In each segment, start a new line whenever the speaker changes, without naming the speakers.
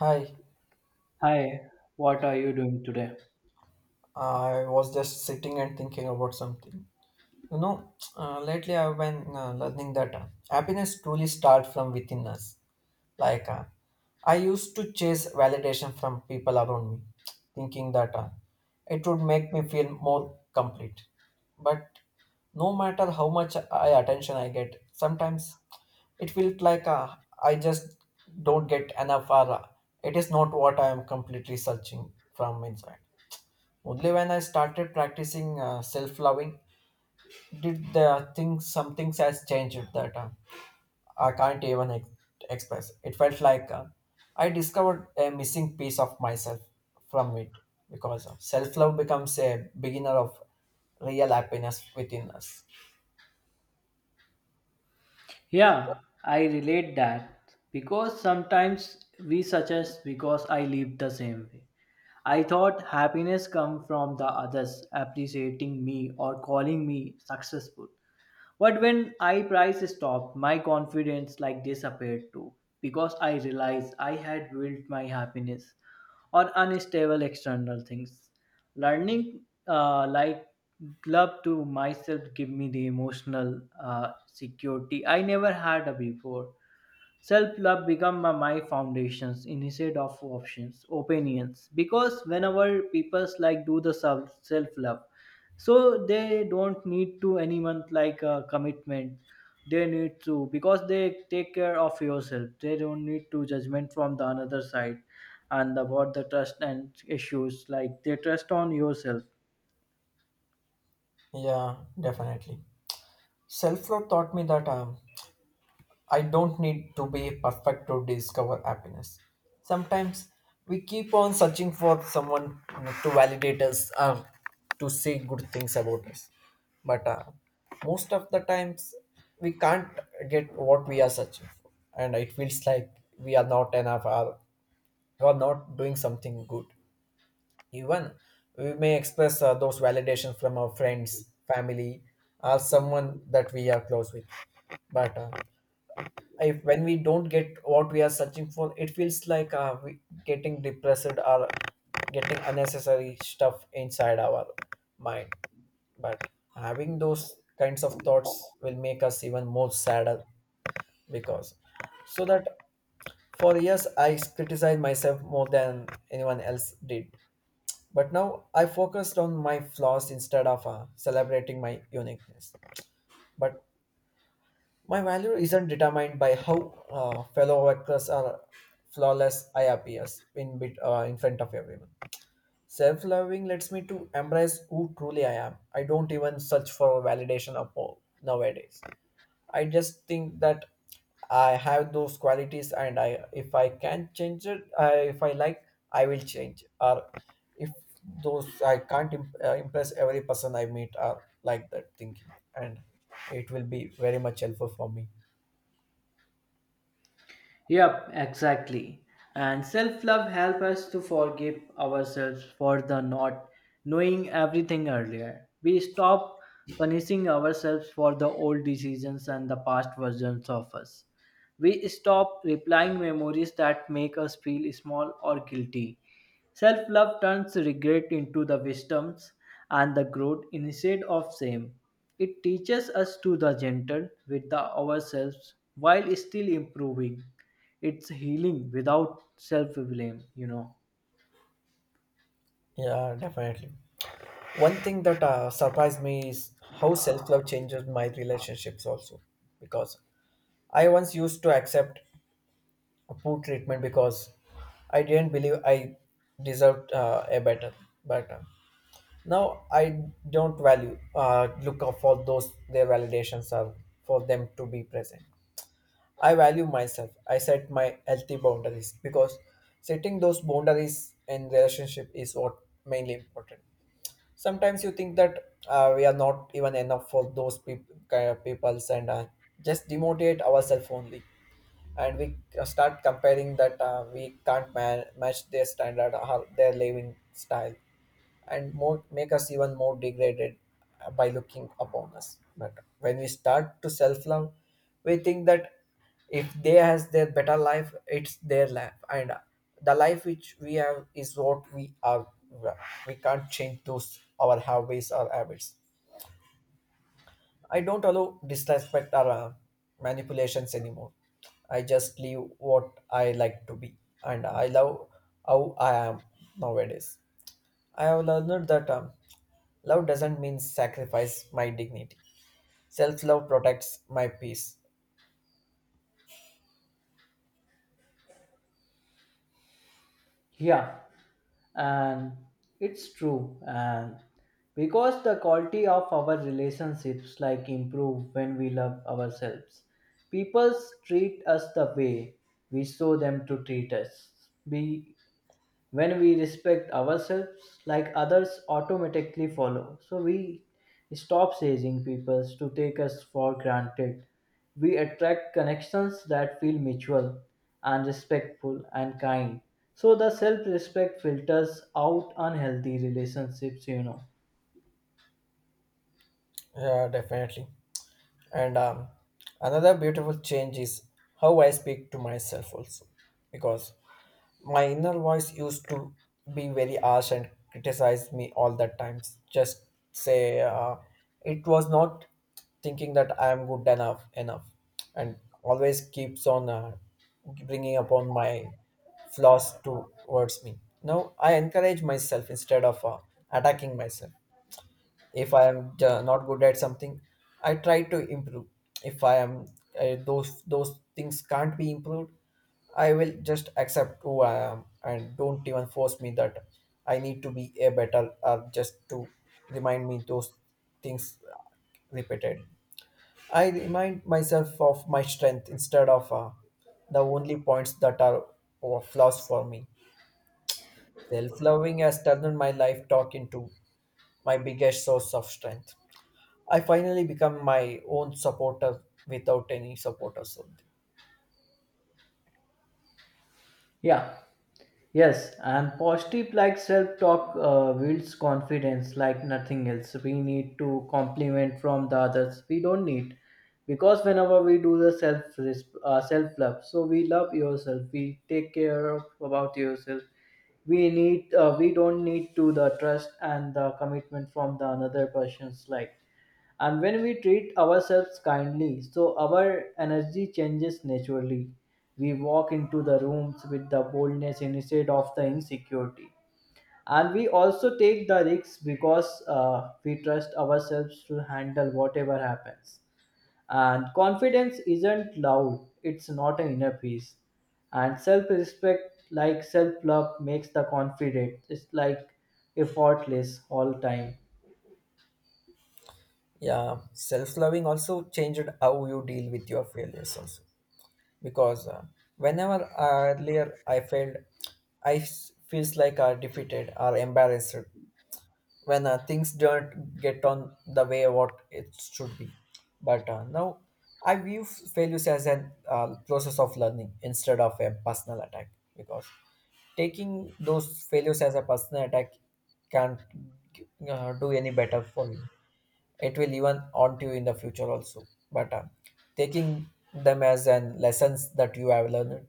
Hi,
Hi, what are you doing today?
I was just sitting and thinking about something. You know, lately I've been learning that happiness truly starts from within us. Like, uh, I used to chase validation from people around me, thinking that it would make me feel more complete. But no matter how much I attention I get, sometimes it feels like I just don't get enough, or it is not what I am completely searching from inside. Only when I started practicing self-loving did the things some things has changed that I can't even ex- express. It felt like I discovered a missing piece of myself from it because self-love becomes a beginner of real happiness within us.
Yeah, I relate that because sometimes we suggest because I live the same way. I thought happiness come from the others appreciating me or calling me successful. But when I price stopped, my confidence like disappeared too because I realized I had built my happiness on unstable external things. Learning like love to myself give me the emotional security I never had before. Self love become my foundations instead of options, opinions. Because whenever people like do the self love, so they don't need to anyone like a commitment they need to because they take care of yourself they don't need to judgment from the another side and about the trust and issues like they trust on yourself.
Yeah, definitely. Self-love taught me that I don't need to be perfect to discover happiness. Sometimes we keep on searching for someone to validate us or to say good things about us. But most of the times we can't get what we are searching for. And it feels like we are not enough or we are not doing something good. Even we may express those validations from our friends, family, or someone that we are close with. But if when we don't get what we are searching for it feels like we getting depressed or getting unnecessary stuff inside our mind but having those kinds of thoughts will make us even more sadder because so that for years I criticized myself more than anyone else did but now I focused on my flaws instead of celebrating my uniqueness but my value isn't determined by how fellow workers are flawless I appears in bit in front of everyone. Self-loving lets me to embrace who truly I am. I don't even search for validation upon nowadays. I just think that I have those qualities, and I if I can change it, I, if I like, I will change. Or if those I can't imp- impress every person I meet, are like that thinking, and it will be very much helpful for me.
Yep, exactly. And self love helps us to forgive ourselves for the not knowing everything earlier. We stop punishing ourselves for the old decisions and the past versions of us. We stop replying memories that make us feel small or guilty. Self love turns regret into the wisdoms and the growth instead of shame. It teaches us to the gentle with the ourselves while still improving. It's healing without self blame, you know.
Yeah, definitely. One thing that surprised me is how self love changes my relationships also. Because I once used to accept a poor treatment because I didn't believe I deserved a better. But now I don't value look out for those their validations are for them to be present. I value myself. I set my healthy boundaries because setting those boundaries in relationship is what mainly important sometimes you think that we are not even enough for those kind of peoples and just demotivate ourselves only and we start comparing that we can't match their standard or their living style and more make us even more degraded by looking upon us but when we start to self love we think that if they has their better life it's their life and the life which we have is what we are we can't change those our habits or habits I don't allow disrespect or manipulations anymore. I just leave what I like to be, and I love how I am nowadays. I have learned that love doesn't mean sacrifice my dignity. Self love protects my peace.
Yeah, and it's true. And because the quality of our relationships like improve when we love ourselves, people treat us the way we show them to treat us. We when we respect ourselves like others automatically follow so we stop chasing people to take us for granted, we attract connections that feel mutual and respectful and kind, so the self-respect filters out unhealthy relationships, you know.
Yeah, definitely. And another beautiful change is how I speak to myself also, because my inner voice used to be very harsh and criticize me all the times. Just say it was not thinking that I am good enough, and always keeps on bringing upon my flaws towards me. Now I encourage myself instead of attacking myself if I am not good at something I try to improve if I am those things can't be improved I will just accept who I am and don't even force me that I need to be a better or just to remind me those things repeated I remind myself of my strength instead of the only points that are or flaws for me self-loving has turned my life talk into my biggest source of strength. I finally become my own supporter without any support or something.
Yeah, yes, and positive like self talk builds confidence like nothing else. We need to compliment from the others. We don't need because whenever we do the self self love, so we love yourself. We take care of about yourself. We need we don't need to the trust and the commitment from the another person's life. And when we treat ourselves kindly, so our energy changes naturally. We walk into the rooms with the boldness instead of the insecurity. And we also take the risks because we trust ourselves to handle whatever happens. And confidence isn't loud, it's not an inner peace. And self respect, like self love, makes the confident. It's like effortless all time.
Yeah, self loving also changed how you deal with your failures also. Because whenever earlier I failed, I feels like I defeated or embarrassed, when things don't get on the way what it should be. But now I view failures as an process of learning instead of a personal attack because taking those failures as a personal attack can't do any better for you. It will even haunt you in the future also. But taking them as an lessons that you have learned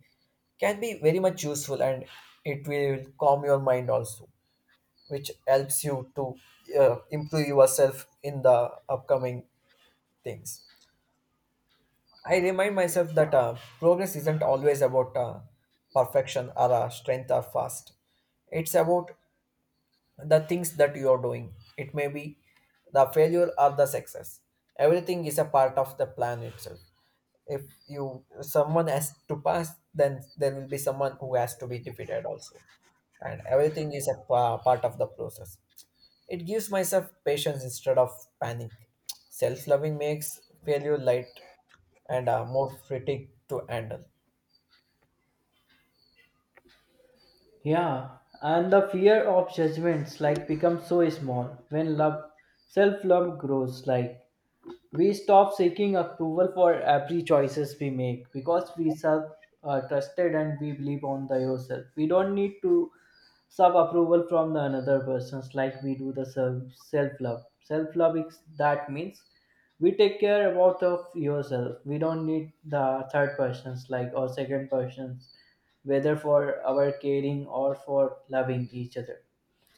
can be very much useful and it will calm your mind also which helps you to improve yourself in the upcoming things. I remind myself that progress isn't always about perfection or strength or fast. It's about the things that you are doing. It may be the failure or the success. Everything is a part of the plan itself. If you someone has to pass, then there will be someone who has to be defeated also, and everything is a part of the process it gives myself patience instead of panic. Self loving makes failure light and more fitting to handle.
Yeah, and the fear of judgments like becomes so small when love, self-love grows. Like we stop seeking approval for every choices we make because we self trusted and we believe on the yourself. We don't need to sub approval from the another persons like we do the self love, self love is that means we take care about of yourself, we don't need the third persons like or second persons whether for our caring or for loving each other,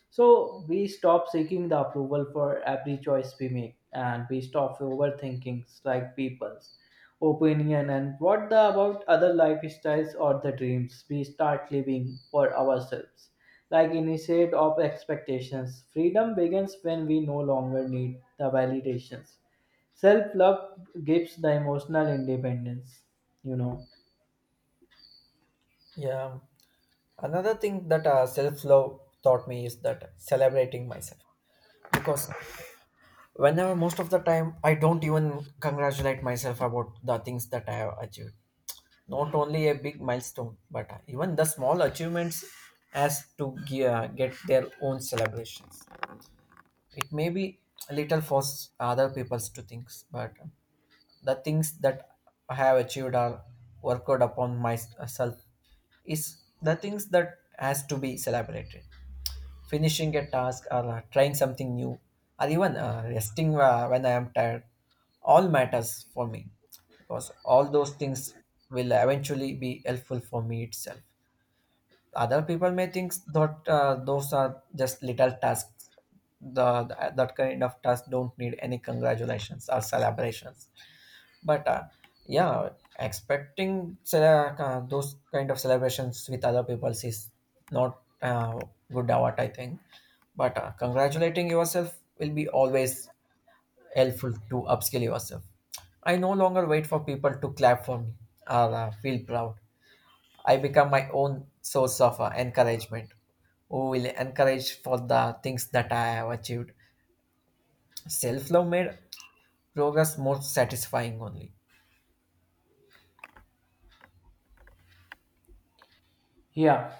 so we stop seeking the approval for every choice we make and we stop overthinking like people's opinion and what the about other lifestyles or the dreams, we start living for ourselves like instead of expectations. Freedom begins when we no longer need the validations. Self love gives the emotional independence, you know.
Yeah. Another thing that self love taught me is that celebrating myself. Because whenever most of the time I don't even congratulate myself about the things that I have achieved. Not only a big milestone, but even the small achievements has to get their own celebrations. It may be a little for other people's to things but the things that I have achieved or worked out upon myself is the things that has to be celebrated finishing a task or trying something new or even resting when I am tired all matters for me because all those things will eventually be helpful for me itself other people may think that those are just little tasks. That kind of tasks don't need any congratulations or celebrations. But yeah, expecting those kind of celebrations with other people is not good what I think. But congratulating yourself will be always helpful to upskill yourself. I no longer wait for people to clap for me or feel proud. I become my own source of encouragement, who will encourage for the things that I have achieved. Self love made progress more satisfying only.
Yeah,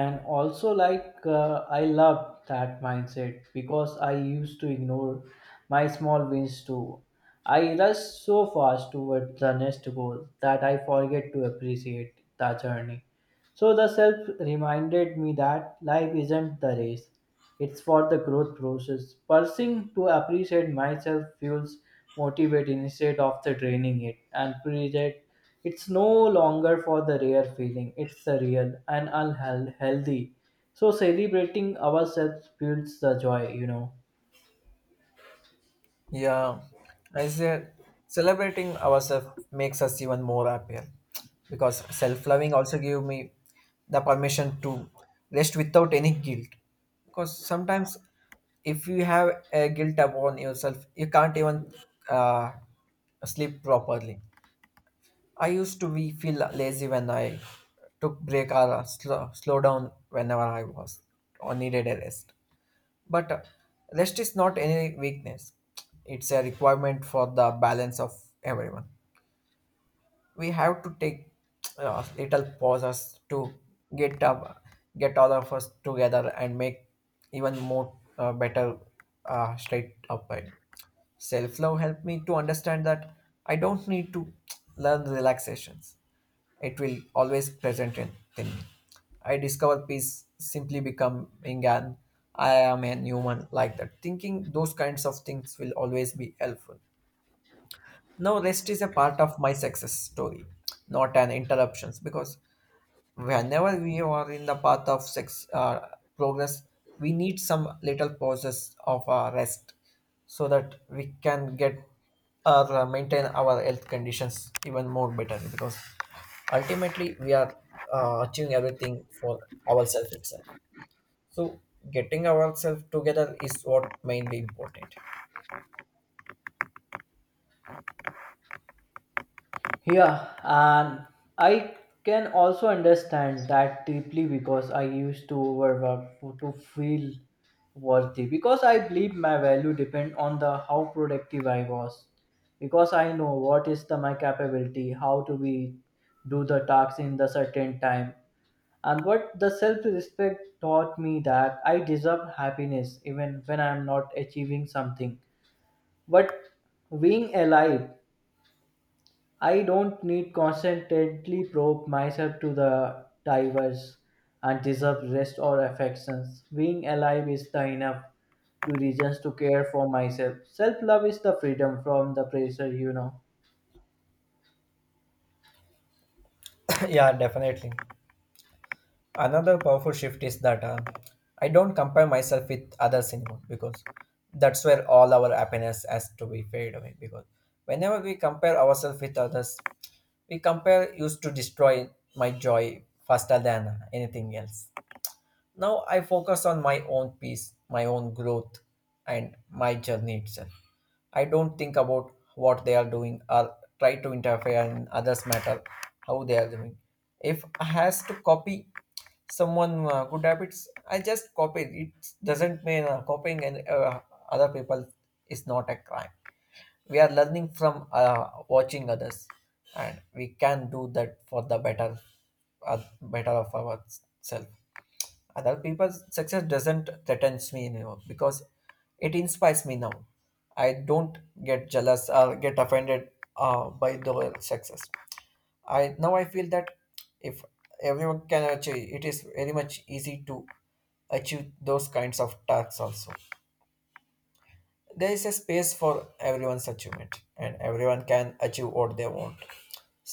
and also like I love that mindset because I used to ignore my small wins too. I rush so fast toward the next goal that I forget to appreciate the journey. So the self reminded me that life isn't the race, it's for the growth process. Pursuing to appreciate myself fuels motivate instead of the draining it and project. It's no longer for the rare feeling. It's the real and unhealthy. So celebrating ourselves builds the joy, you know.
Yeah, I said celebrating ourselves makes us even more happier because self loving also give me the permission to rest without any guilt. Because sometimes if you have a guilt upon yourself, you can't even uh, sleep properly. I used to be feel lazy when I took break or slow down whenever I was or needed a rest. But rest is not any weakness. It's a requirement for the balance of everyone. We have to take little pauses to get up, get all of us together and make even more better straight upright. Self love helped me to understand that I don't need to learn relaxations it will always present in thing. I discover peace simply becoming an I am a human like that. Thinking those kinds of things will always be helpful. Now rest is a part of my success story, not an interruptions because whenever we are in the path of sex progress we need some little pauses of rest so that we can get or maintain our health conditions even more better because ultimately we are achieving everything for ourselves itself so getting ourselves together is what mainly important.
Yeah, and I can also understand that deeply because I used to overwork for- to feel worthy because I believe my value depend on the how productive I was because I know what is the my capability, how to be do the tasks in the certain time, and what the self respect taught me that I deserve happiness even when I am not achieving something, but being alive. I don't need constantly probe myself to the divers and deserve rest or affections. Being alive is the enough to reasons to care for myself. Self love is the freedom from the pressure, you know.
Yeah, definitely. Another powerful shift is that I don't compare myself with others anymore because that's where all our happiness has to be fade away. Because whenever we compare ourselves with others, we compare used to destroy my joy faster than anything else. Now I focus on my own peace, my own growth, and my journey itself. I don't think about what they are doing or try to interfere in others' matter, how they are doing. If I has to copy someone good habits, I just copy. It doesn't mean copying and other people is not a crime. We are learning from watching others, and we can do that for the better, better of ourselves. Other people's success doesn't threatens me anymore because it inspires me now. I don't get jealous or get offended by the success. I feel that if everyone can achieve, it is very much easy to achieve those kinds of tasks also. There is a space for everyone's achievement and everyone can achieve what they want.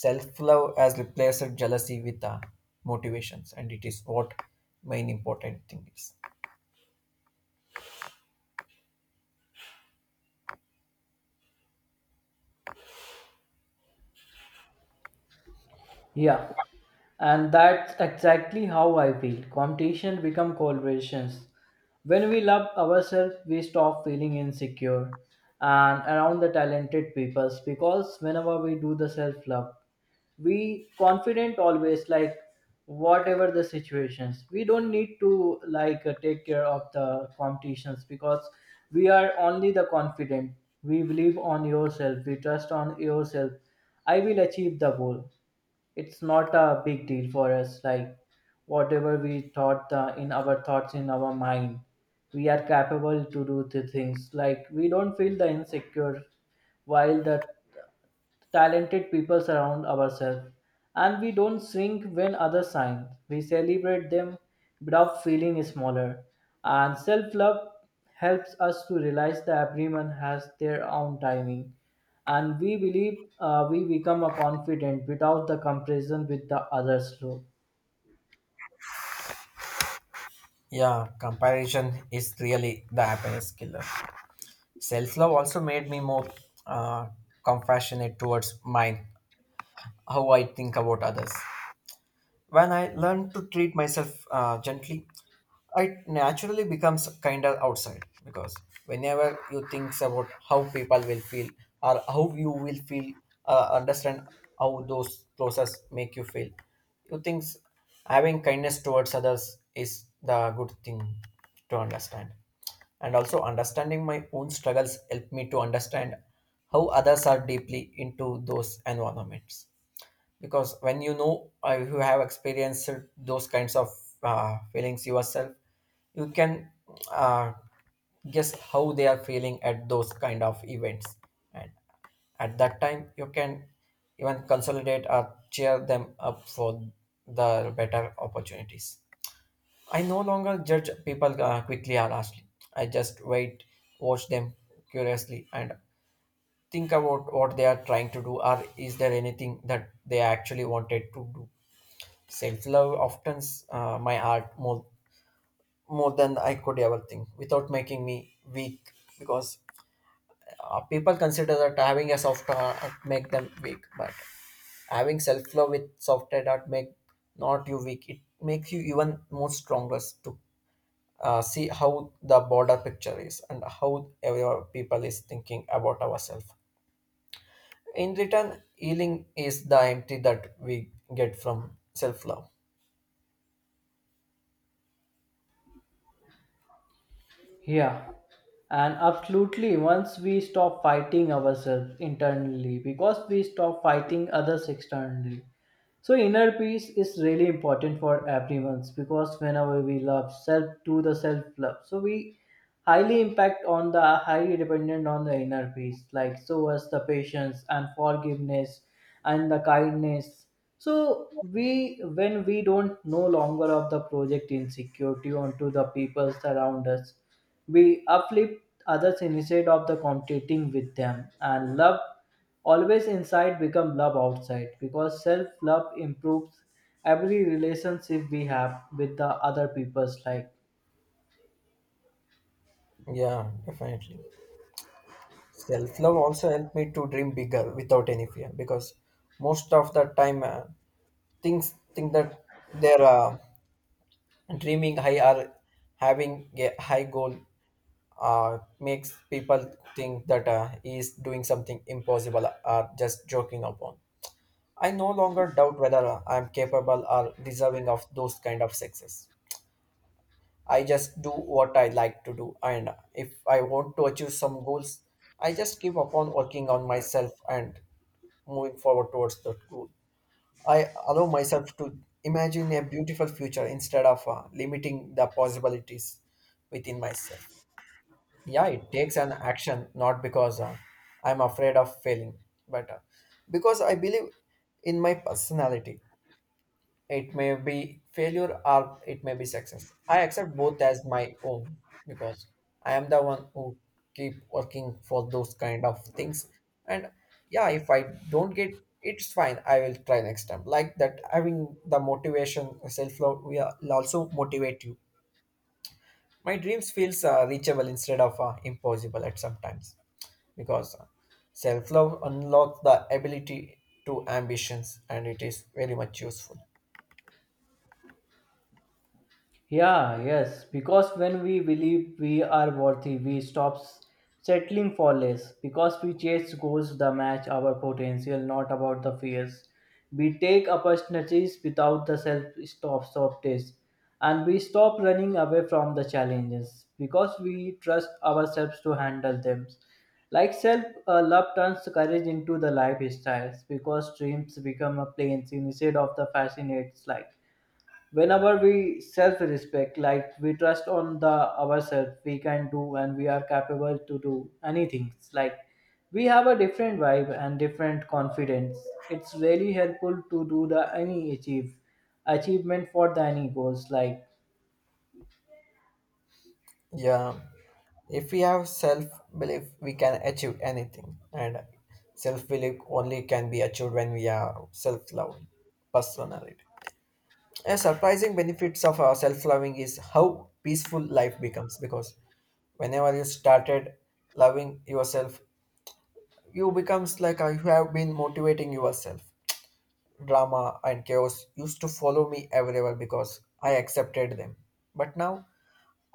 Self-love has replaced jealousy with motivations, and it is what main important thing is.
Yeah, and that's exactly how I feel. Competition become collaborations. When we love ourselves, we stop feeling insecure and around the talented peoples because whenever we do the self love, we confident always like whatever the situations we don't need to like take care of the competitions because we are only the confident. We believe on yourself, we trust on yourself. I will achieve the goal. It's not a big deal for us like whatever we thought in our thoughts in our mind, we are capable to do the things like we don't feel the insecure while the talented people surround ourselves. And we don't shrink when others shine, we celebrate them without feeling smaller. And self-love helps us to realize that everyone has their own timing, and we believe we become a confident without the comparison with the others. Slope.
Yeah, comparison is really the happiness killer. Self love also made me more uh, compassionate towards mine, how I think about others. When I learn to treat myself gently, it naturally becomes kinder outside, because whenever you think about how people will feel or how you will feel, understand how those process make you feel, you think having kindness towards others is the good thing to understand. And also understanding my own struggles help me to understand how others are deeply into those environments, because when you know you have experienced those kinds of feelings yourself, you can uh, guess how they are feeling at those kind of events, and at that time you can even consolidate or cheer them up for the better opportunities. I no longer judge people quickly or harshly. I just wait, watch them curiously, and think about what they are trying to do, or is there anything that they actually wanted to do. Self-love often my art more more than I could ever think, without making me weak. Because people consider that having a soft art make them weak, but having self-love with soft art make not you weak. It makes you even more stronger to see how the border picture is and how every people is thinking about ourselves. In return, healing is the empty that we get from self-love.
Yeah, and absolutely, once we stop fighting ourselves internally, because we stop fighting others externally, so inner peace is really important for everyone because whenever we love self do the self love. So we highly impact on the highly dependent on the inner peace, like so as the patience and forgiveness and the kindness. So we when we don't no longer of the project insecurity onto the people around us, we uplift others instead of the competing with them. And love always inside become love outside because self love improves every relationship we have with the other people's life.
Yeah, definitely. Self love also helped me to dream bigger without any fear, because most of the time things think that they're dreaming high or having a high goal makes people think that he is doing something impossible or just joking upon. I no longer doubt whether I'm capable or deserving of those kind of success. I just do what I like to do, and if I want to achieve some goals, I just keep upon working on myself and moving forward towards that goal. I allow myself to imagine a beautiful future instead of limiting the possibilities within myself. Yeah, it takes an action not because I'm afraid of failing, but because I believe in my personality. It may be failure or it may be success. I accept both as my own because I am the one who keep working for those kind of things. And yeah, if I don't get, it's fine. I will try next time. Like that, having the motivation, self love will also motivate you. My dreams feels reachable instead of impossible at sometimes, because self love unlocks the ability to ambitions, and it is very much useful.
Yeah, yes, because when we believe we are worthy, we stop settling for less. Because we chase goals that match our potential, not about the fears. We take opportunities without the self stop test, and we stop running away from the challenges because we trust ourselves to handle them. Like self love turns courage into the lifestyles because dreams become a planes instead of the fascinates life whenever we self respect, like we trust on the ourselves we can do and we are capable to do anything. It's like we have a different vibe and different confidence. It's really helpful to do the any achievement for the any goals like.
Yeah, if we have self belief, we can achieve anything, and self belief only can be achieved when we are self loving personality. A surprising benefits of our self loving is how peaceful life becomes, because whenever you started loving yourself, you becomes like you have been motivating yourself. Drama and chaos used to follow me everywhere because I accepted them, but now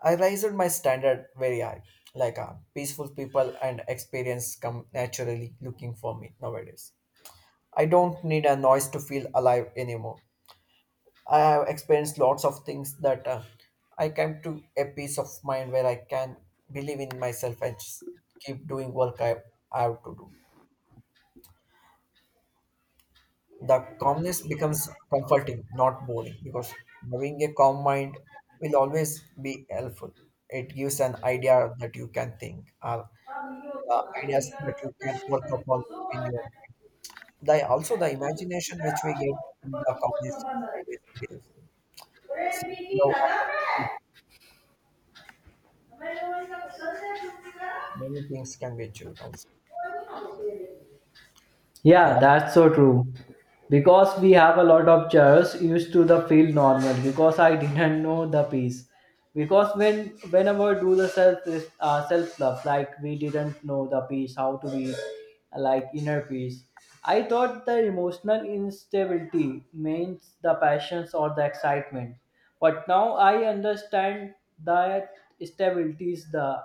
I raised my standard very high, like peaceful people and experience come naturally looking for me nowadays. I don't need a noise to feel alive anymore. I have experienced lots of things that I came to a peace of mind where I can believe in myself and just keep doing work I have to do. The calmness becomes comforting, not boring, because having a calm mind will always be helpful. It gives an idea that you can think. The ideas that you can work upon in your, the also the imagination which we get in the companies is always beautiful. So now I can, many things can be achieved also. Yeah,
Yeah, that's so true. Because we have a lot of chairs used to the feel normal because I didn't know the piece. Because when whenever do the self self love like we didn't know the piece how to be like inner peace. I thought the emotional instability means the passions or the excitement, but now I understand that stability is the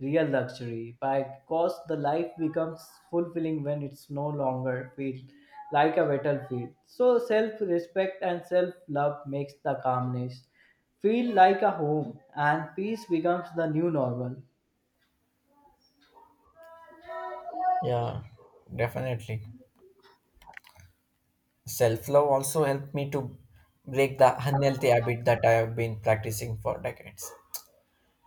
real luxury because the life becomes fulfilling when it's no longer feel like a battlefield. So self-respect and self-love makes the calmness feel like a home and peace becomes the new normal.
yeah, definitely. Self love also helped me to break the unhealthy habit that I have been practicing for decades.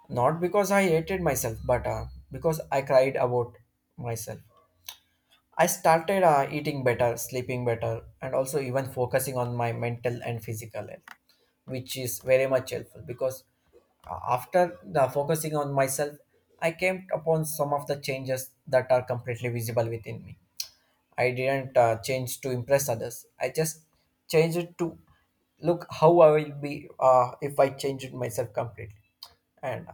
Not because I hated myself, but because I cried about myself. I started eating better, sleeping better, and also even focusing on my mental and physical health, which is very much helpful because after the focusing on myself, I came upon some of the changes that are completely visible within me. I didn't change to impress others. I just changed it to look how I will be if I change it myself completely, and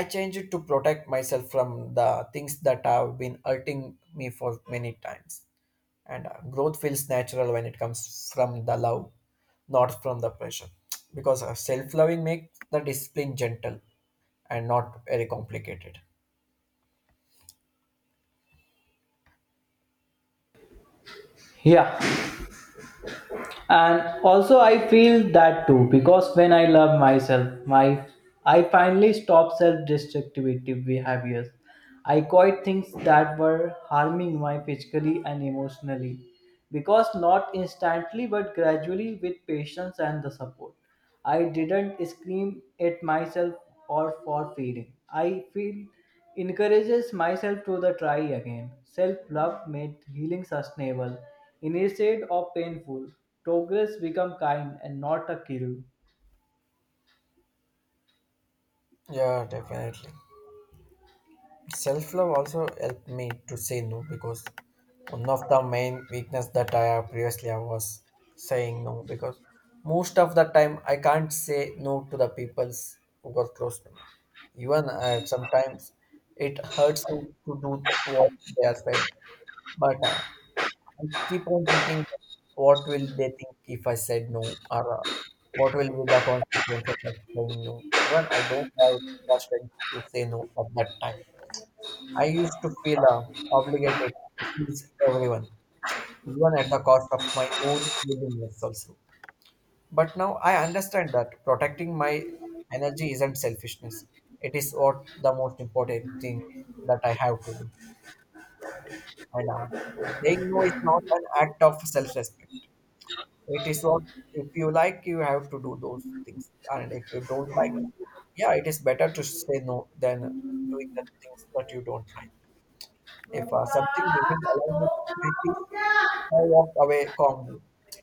I change it to protect myself from the things that have been hurting me for many times. And growth feels natural when it comes from the love, not from the pressure, because self-loving makes the discipline gentle and not very complicated.
Yeah, and also I feel that too because when I love myself my I finally stop self-destructive behaviors. I quite things that were harming my physically and emotionally because not instantly but gradually with patience and the support. I didn't scream at myself or for failing. I feel encourages myself to the try again. Self-love made healing sustainable instead of painful. Progress become kind and not a kill.
Yeah, definitely. Self-love also helped me to say no, because one of the main weakness that I have previously I was saying no, because most of the time I can't say no to the peoples who were close to me. Even at sometimes it hurts to do what they are saying. But I keep on thinking, what will they think if I said no? Or what will be the consequences of saying no? Even I don't have the strength to say no at that time. I used to feel obligated to please everyone, even at the cost of my own willingness also. But now I understand that protecting my energy isn't selfishness. It is what the most important thing that I have to do. And saying no is not an act of self-respect. It is what if you like, you have to do those things, and if you don't like, yeah, it is better to say no than doing the things that you don't like. If something doesn't align with my peace, I walk away calmly.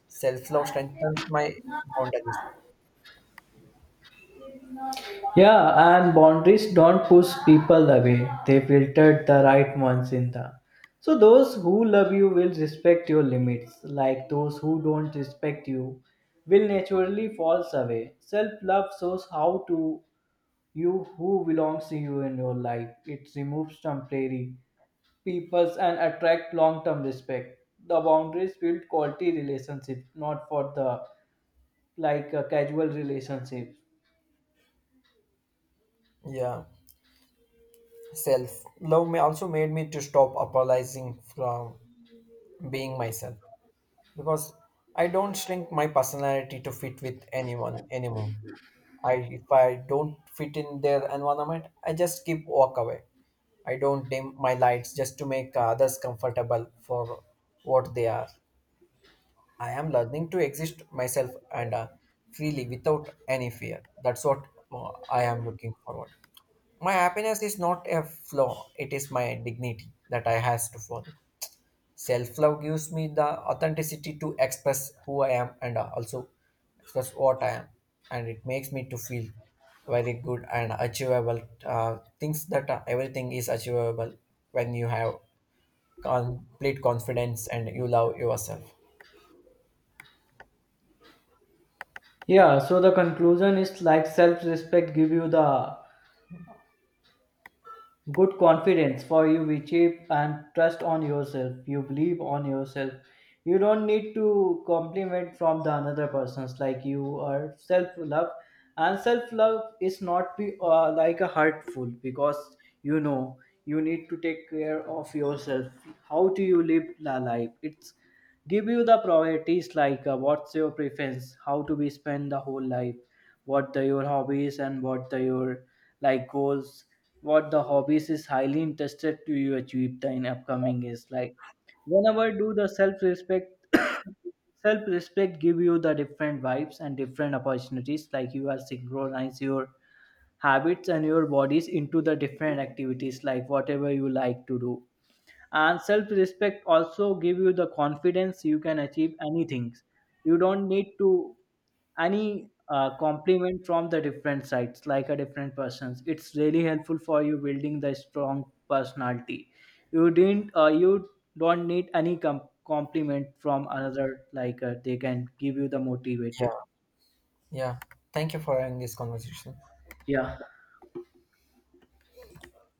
Self-love strengthens my boundaries.
Yeah, and boundaries don't push people away. They filtered the right ones in the. So those who love you will respect your limits. Like those who don't respect you will naturally falls away. Self-love shows how to you who belongs to you in your life. It removes temporary peoples and attract long-term respect. The boundaries build quality relationship, not for the like a casual relationship.
Yeah, self-love may also made me to stop apologizing from being myself, because I don't shrink my personality to fit with anyone anymore. I, if I don't fit in their environment, I just keep walk away. I don't dim my lights just to make others comfortable for what they are. I am learning to exist myself and freely without any fear. That's what I am looking forward. My happiness is not a flaw; it is my dignity that I has to follow. Self love gives me the authenticity to express who I am and also express what I am, and it makes me to feel very good and achievable. Things that everything is achievable when you have complete confidence and you love yourself.
Yeah, so the conclusion is like self-respect give you the good confidence for you which you and trust on yourself. You believe on yourself. You don't need to compliment from the another persons like you are self-love, and self-love is not be like a hurtful because you know you need to take care of yourself. How do you live la life? It's give you the priorities like what's your preference how to be spend the whole life, what the your hobbies and what the your like goals, what the hobbies is highly interested to you achieve the in upcoming is like whenever do the self-respect. Self-respect give you the different vibes and different opportunities like you are synchronize your habits and your bodies into the different activities like whatever you like to do. And self respect also give you the confidence you can achieve anything. You don't need to any compliment from the different sides like a different persons. It's really helpful for you building the strong personality. You didn't you don't need any compliment from another like they can give you the motivated.
Yeah, yeah. Thank you for having this conversation.
Yeah.